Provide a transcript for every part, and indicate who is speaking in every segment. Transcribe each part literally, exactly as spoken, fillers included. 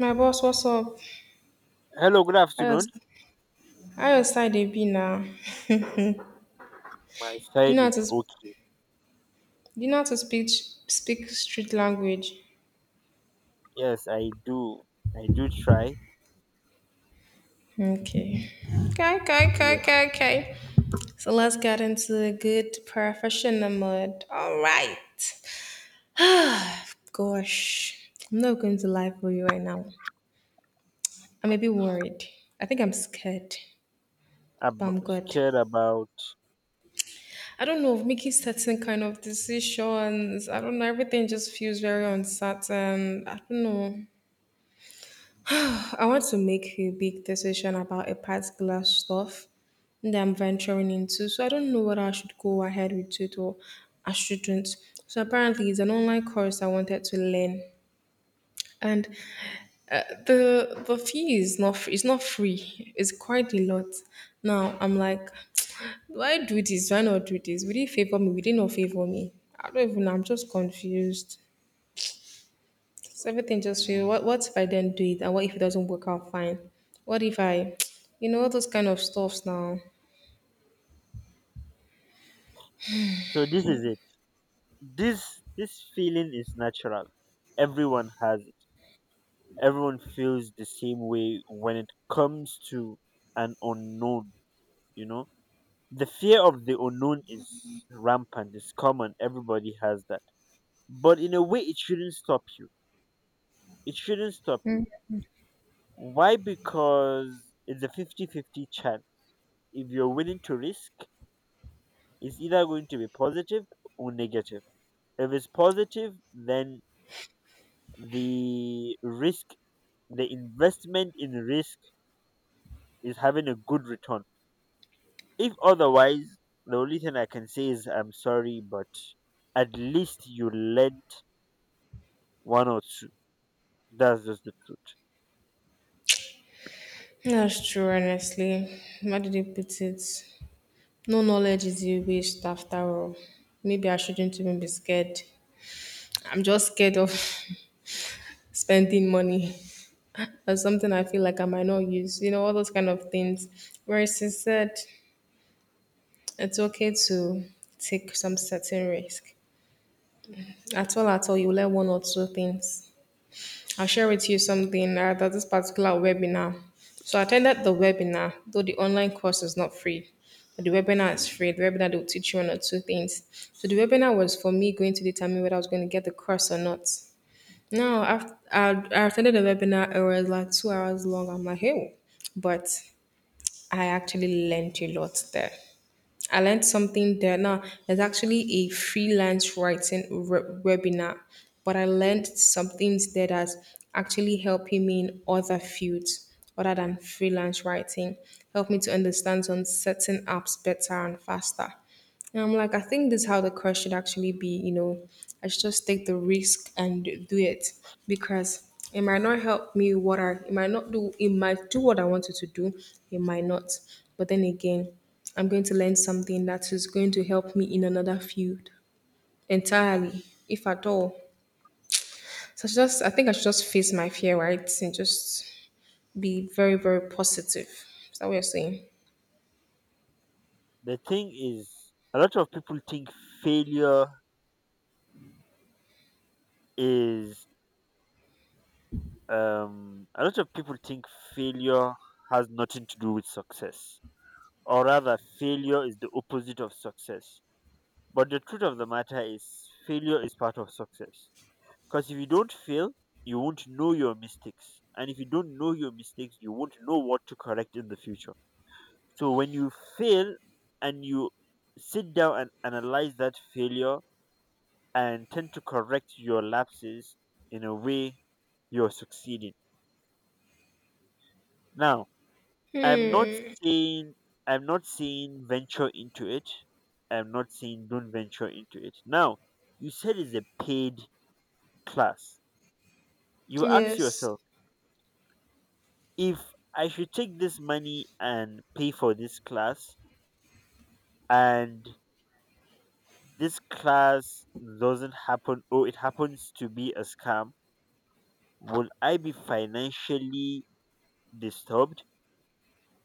Speaker 1: My boss, what's up?
Speaker 2: Hello, good
Speaker 1: How your,
Speaker 2: afternoon.
Speaker 1: how your side they be now? Do
Speaker 2: My
Speaker 1: you know
Speaker 2: style
Speaker 1: how
Speaker 2: is
Speaker 1: to, sp-
Speaker 2: okay.
Speaker 1: do you know how to speak, speak street language?
Speaker 2: Yes, I do. I do try.
Speaker 1: Okay. Okay, okay, okay,
Speaker 2: Yes,
Speaker 1: okay, okay. So let's get into the good professional mode. All right. Gosh, I'm not going to lie for you right now. I'm a bit worried. I think I'm scared, but
Speaker 2: I'm
Speaker 1: I'm good.
Speaker 2: scared about.
Speaker 1: I don't know, making certain kind of decisions. I don't know. Everything just feels very uncertain. I don't know. I want to make a big decision about a particular stuff that I'm venturing into. So I don't know whether I should go ahead with it or I shouldn't. So apparently, it's an online course I wanted to learn, and uh, the the fee is not free. It's not free. It's quite a lot. Now I'm like, do I do this? Do I not do this? Will it favor me? Will it not favor me? I don't even know. I'm just confused. So everything just feel, what what if I didn't do it and what if it doesn't work out fine? What if I you know all those kind of stuffs now?
Speaker 2: So this is it. This this feeling is natural. Everyone has it. Everyone feels the same way when it comes to an unknown. You know, the fear of the unknown is rampant. It's common. Everybody has that. But in a way, it shouldn't stop you. It shouldn't stop you. Why? Because it's a fifty-fifty chance if you're willing to risk is either going to be positive or negative. If it's positive, then the risk, the investment in risk is having a good return. If otherwise, the only thing I can say is I'm sorry, but at least you lent one or two. That's just the truth.
Speaker 1: That's true, honestly. How did you put it? No knowledge is a waste after all. Maybe I shouldn't even be scared. I'm just scared of spending money or something I feel like I might not use, you know, all those kind of things. Whereas he said it's okay to take some certain risk. At all, at all, you learn one or two things. I'll share with you something, uh, that this particular webinar. So I attended the webinar, though the online course is not free. But the webinar is free. The webinar they will teach you one or two things. So the webinar was for me going to determine whether I was going to get the course or not. Now, after I, I attended the webinar, it was like two hours long. I'm like, hey, but I actually learned a lot there. I learned something there. Now, there's actually a freelance writing re- webinar, but I learned some things there that's actually helping me in other fields other than freelance writing. Helped me to understand some certain apps better and faster. And I'm like, I think this is how the course should actually be. You know, I should just take the risk and do it because it might not help me. What I it might not do, it might do what I wanted to do. It might not. But then again, I'm going to learn something that is going to help me in another field entirely, if at all. So I should just, I think I should just face my fear, right, and just be very, very positive. Is that what you're saying?
Speaker 2: The thing is, a lot of people think failure is, um, a lot of people think failure has nothing to do with success. Or rather, failure is the opposite of success. But the truth of the matter is, failure is part of success. Because if you don't fail, you won't know your mistakes. And if you don't know your mistakes, you won't know what to correct in the future. So when you fail and you sit down and analyze that failure and tend to correct your lapses in a way, you're succeeding. Now, I'm not
Speaker 1: Hmm.
Speaker 2: saying I'm not saying venture into it. I'm not saying don't venture into it. Now, you said it's a paid class. You ask
Speaker 1: Yes,
Speaker 2: yourself if I should take this money and pay for this class and this class doesn't happen or it happens to be a scam, will I be financially disturbed?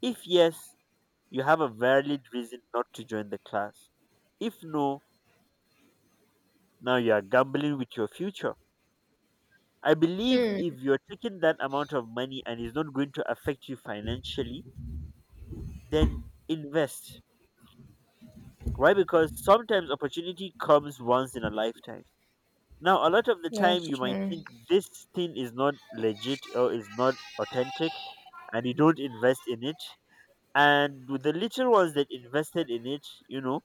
Speaker 2: If yes, you have a valid reason not to join the class. If no, now you are gambling with your future. I believe if you're taking that amount of money and it's not going to affect you financially, then invest. Why? Because sometimes opportunity comes once in a lifetime. Now, a lot of the time,
Speaker 1: that's
Speaker 2: you might
Speaker 1: true.
Speaker 2: think this thing is not legit or is not authentic, and you don't invest in it. And with the little ones that invested in it, you know,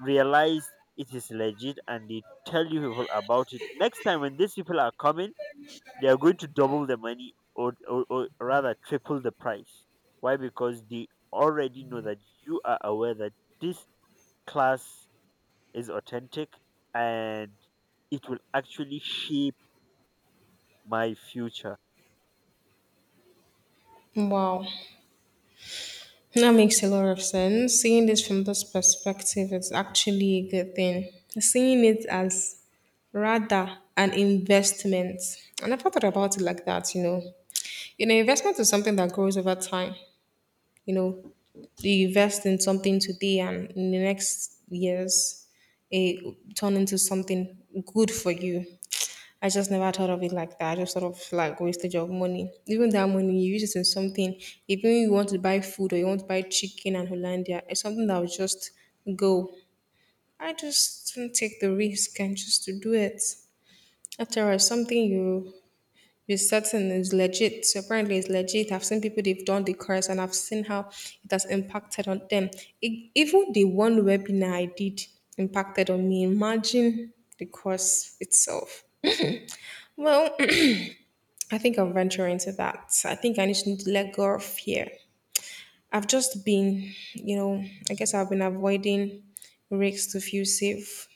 Speaker 2: realize it is legit and they tell you people about it. Next time, when these people are coming, they are going to double the money or, or, or rather triple the price. Why? Because they already know that you are aware that this class is authentic and it will actually shape my future.
Speaker 1: Wow. That makes a lot of sense. Seeing this from this perspective is actually a good thing. Seeing it as rather an investment. I never thought about it like that, you know. You know, investment is something that grows over time, you know, you invest in something today and in the next years it turn into something good for you. I just never thought of it like that. I just sort of like wastage of money, even that money you use it in something, even you want to buy food or you want to buy chicken and hollandia, it's something that will just go. I just didn't take the risk and just to do it. After all, it's something you, it's certain, it's legit. So apparently it's legit. I've seen people they've done the course and I've seen how it has impacted on them. E- even the one webinar I did impacted on me. Imagine the course itself. Well, I think I'll venture into that. I think I just need to let go of fear. I've just been, you know, I guess I've been avoiding risks to feel safe.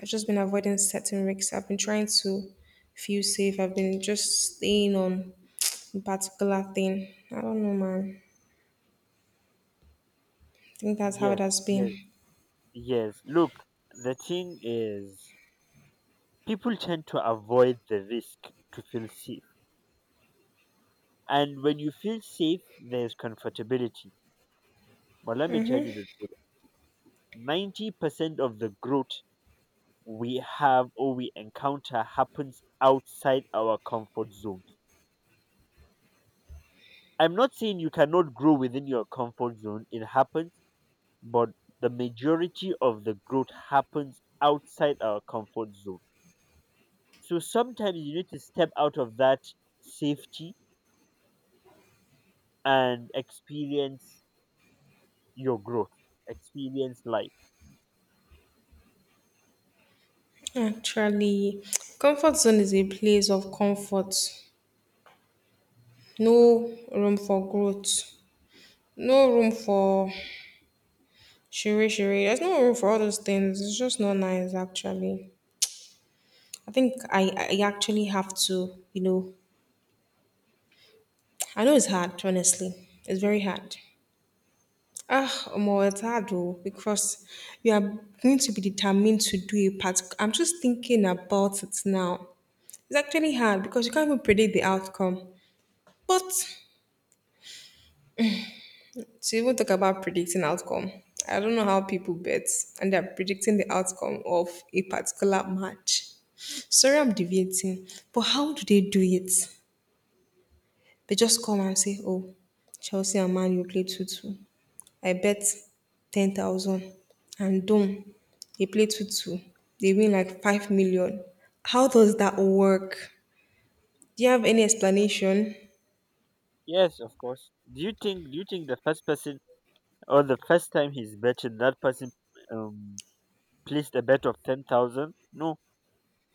Speaker 1: I've just been avoiding certain risks. I've been trying to feel safe. I've been just staying on a particular thing. I don't know, man. I think that's how it
Speaker 2: Yes,
Speaker 1: has
Speaker 2: yes,
Speaker 1: been.
Speaker 2: yes. Look, the thing is, people tend to avoid the risk to feel safe. And when you feel safe, there's comfortability. But let me tell you the truth, ninety percent of the growth we have or we encounter happens outside our comfort zone. I'm not saying you cannot grow within your comfort zone, it happens, but the majority of the growth happens outside our comfort zone. So sometimes you need to step out of that safety and experience your growth, experience life.
Speaker 1: Actually, comfort zone is a place of comfort. No room for growth. No room for shiri shiri. There's no room for all those things. It's just not nice, actually. I think I, I actually have to, you know, I know it's hard, honestly. It's very hard. Ah, Omo, it's hard though, because you are going to be determined to do a part. I'm just thinking about it now. It's actually hard because you can't even predict the outcome. But to even talk about predicting outcome, I don't know how people bet and they're predicting the outcome of a particular match. Sorry, I'm deviating, but how do they do it? They just come and say, "Oh, Chelsea and Man you play two two. I bet ten thousand." And boom, they play two two. They win like five million. How does that work? Do you have any explanation?
Speaker 2: Yes, of course. Do you think do you think the first person or the first time he's betting, that person um placed a bet of ten thousand? No,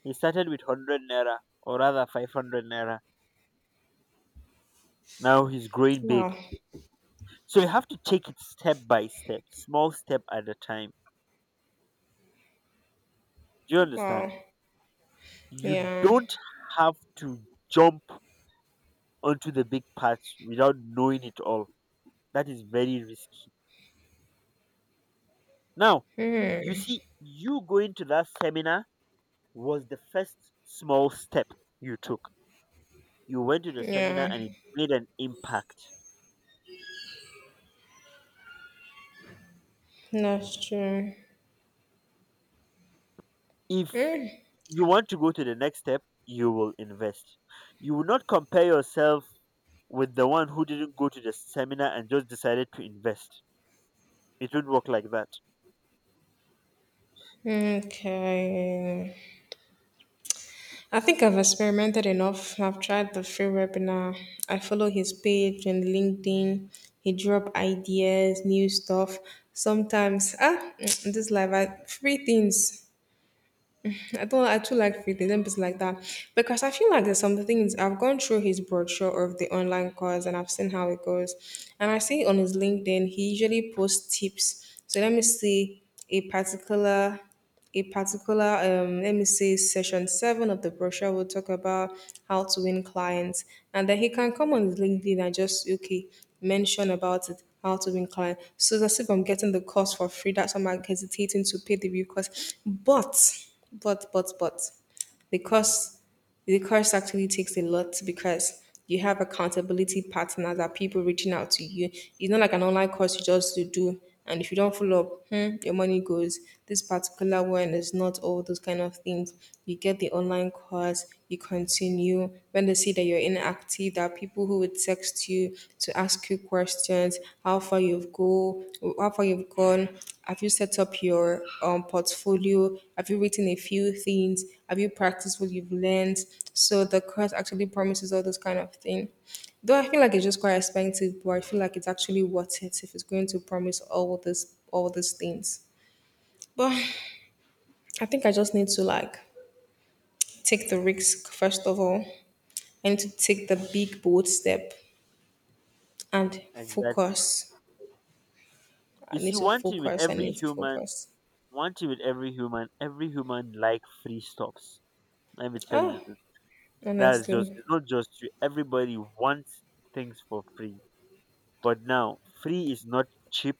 Speaker 2: he started with one hundred naira or rather five hundred naira. Now he's growing big.
Speaker 1: Wow.
Speaker 2: So you have to take it step by step, small step at a time. Do you
Speaker 1: Wow.
Speaker 2: understand? You
Speaker 1: Yeah.
Speaker 2: don't have to jump onto the big path without knowing it all. That is very risky. Now, you see, you going to that seminar was the first small step you took. You went to the
Speaker 1: Yeah.
Speaker 2: seminar and it made an impact.
Speaker 1: That's true.
Speaker 2: If you want to go to the next step, you will invest. You will not compare yourself with the one who didn't go to the seminar and just decided to invest. It won't work like that.
Speaker 1: Okay. I think I've experimented enough. I've tried the free webinar. I follow his page on LinkedIn. He drop ideas, new stuff. Sometimes, ah, this life, I, free things. I don't I too like free things and things like that because I feel like there's some things. I've gone through his brochure of the online course and I've seen how it goes, and I see on his LinkedIn he usually posts tips. So let me see, a particular, a particular um, let me see, session seven of the brochure will talk about how to win clients, and then he can come on his LinkedIn and just okay mention about it, how to win clients. So it's as if I'm getting the course for free. That's why I'm like, hesitating to pay the bill cost. But but but but the course the course actually takes a lot because you have accountability partners, that people reaching out to you. It's not like an online course you just to do and if you don't follow up, hmm, your money goes. This particular one is not all those kind of things. You get the online course, you continue. When they see that you're inactive, there are people who would text you to ask you questions, how far you've go, how far you've gone. Have you set up your um, portfolio? Have you written a few things? Have you practiced what you've learned? So the course actually promises all those kind of things. Though I feel like it's just quite expensive, but I feel like it's actually worth it if it's going to promise all this all these things. But I think I just need to like take the risk first of all. I need to take the big bold step and
Speaker 2: Exactly.
Speaker 1: focus. I
Speaker 2: You
Speaker 1: need
Speaker 2: see,
Speaker 1: to
Speaker 2: one thing with
Speaker 1: focus. I
Speaker 2: every
Speaker 1: need to
Speaker 2: human,
Speaker 1: focus.
Speaker 2: one thing with every human, every human like free stops. Let me tell
Speaker 1: Ah,
Speaker 2: you, the truth. That's just,
Speaker 1: honestly,
Speaker 2: it's not just you. Everybody wants things for free, but now free is not cheap.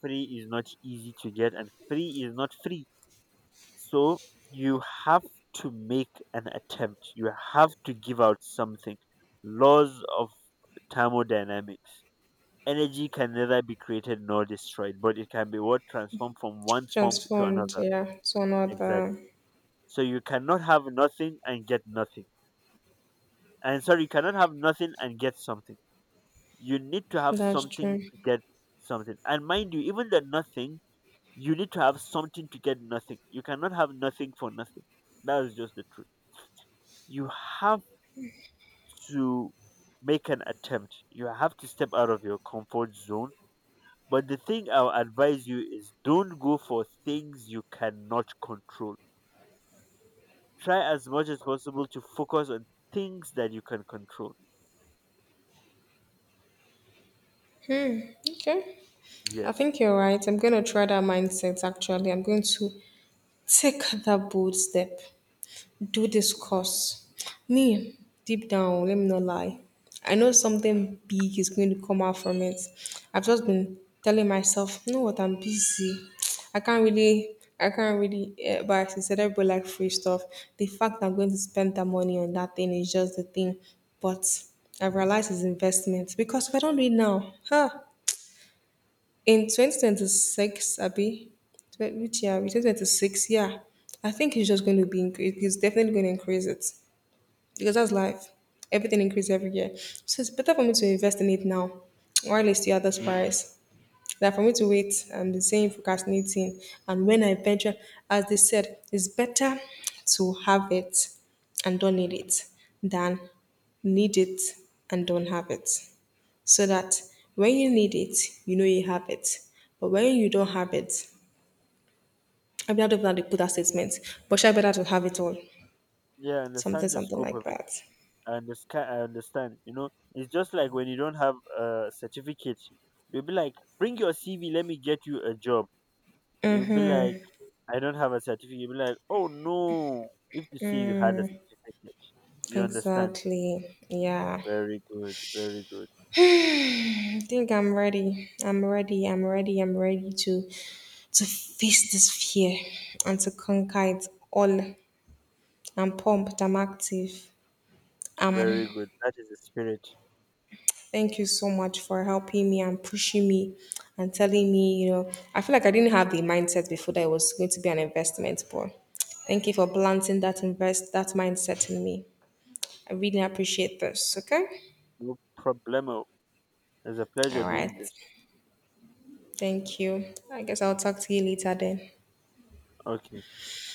Speaker 2: Free is not easy to get, and free is not free. So you have to make an attempt. You have to give out something. Laws of thermodynamics. Energy can neither be created nor destroyed, but it can be what transformed from one form to
Speaker 1: transformed.
Speaker 2: another.
Speaker 1: Yeah, so not
Speaker 2: Exactly.
Speaker 1: that.
Speaker 2: So you cannot have nothing and get nothing. And sorry, you cannot have nothing and get something. You need to have
Speaker 1: That's
Speaker 2: something
Speaker 1: true.
Speaker 2: to get something. And mind you, even the nothing, you need to have something to get nothing. You cannot have nothing for nothing. That is just the truth. You have to make an attempt. You have to step out of your comfort zone. But the thing I'll advise you is don't go for things you cannot control. Try as much as possible to focus on things that you can control.
Speaker 1: Okay, I
Speaker 2: Yes.
Speaker 1: think you're right. I'm gonna try that mindset. Actually, I'm going to take that bold step, do this course. Me, deep down, let me not lie. I know something big is going to come out from it. I've just been telling myself, you know what, I'm busy. I can't really, I can't really, eh, but I said everybody like free stuff. The fact I'm going to spend that money on that thing is just the thing. But I realize it's investment, because if I don't do it now, huh? In twenty twenty-six, Abby, tw- which year? twenty twenty-six, yeah. I think it's just going to be, incre- it's definitely going to increase it because that's life. Everything increases every year. So it's better for me to invest in it now while it's still at this price than for me to wait and be saying procrastinating. And when I venture, as they said, it's better to have it and don't need it than need it and don't have it. So that when you need it, you know you have it. But when you don't have it, I mean, I don't know how to put that statement, but sure better to have it all.
Speaker 2: Yeah, I
Speaker 1: Something,
Speaker 2: understand the
Speaker 1: something
Speaker 2: scope
Speaker 1: like
Speaker 2: of it.
Speaker 1: that.
Speaker 2: I understand. I understand. You know, it's just like when you don't have a certificate, you'll be like, bring your C V, let me get you a job. You'll be like, I don't have a certificate. You'll be like, oh no, if they see you had a certificate, you understand.
Speaker 1: Exactly. Yeah.
Speaker 2: Very good, very good,
Speaker 1: I think I'm ready. I'm ready. I'm ready. I'm ready to to face this fear and to conquer it all. I'm pumped. I'm active. Um
Speaker 2: very good. That is the spirit.
Speaker 1: Thank you so much for helping me and pushing me and telling me, you know, I feel like I didn't have the mindset before that it was going to be an investment, but thank you for planting that invest that mindset in me. I really appreciate this, okay?
Speaker 2: No problemo. It's a pleasure
Speaker 1: All right.
Speaker 2: doing this.
Speaker 1: Thank you. I guess I'll talk to you later then.
Speaker 2: Okay.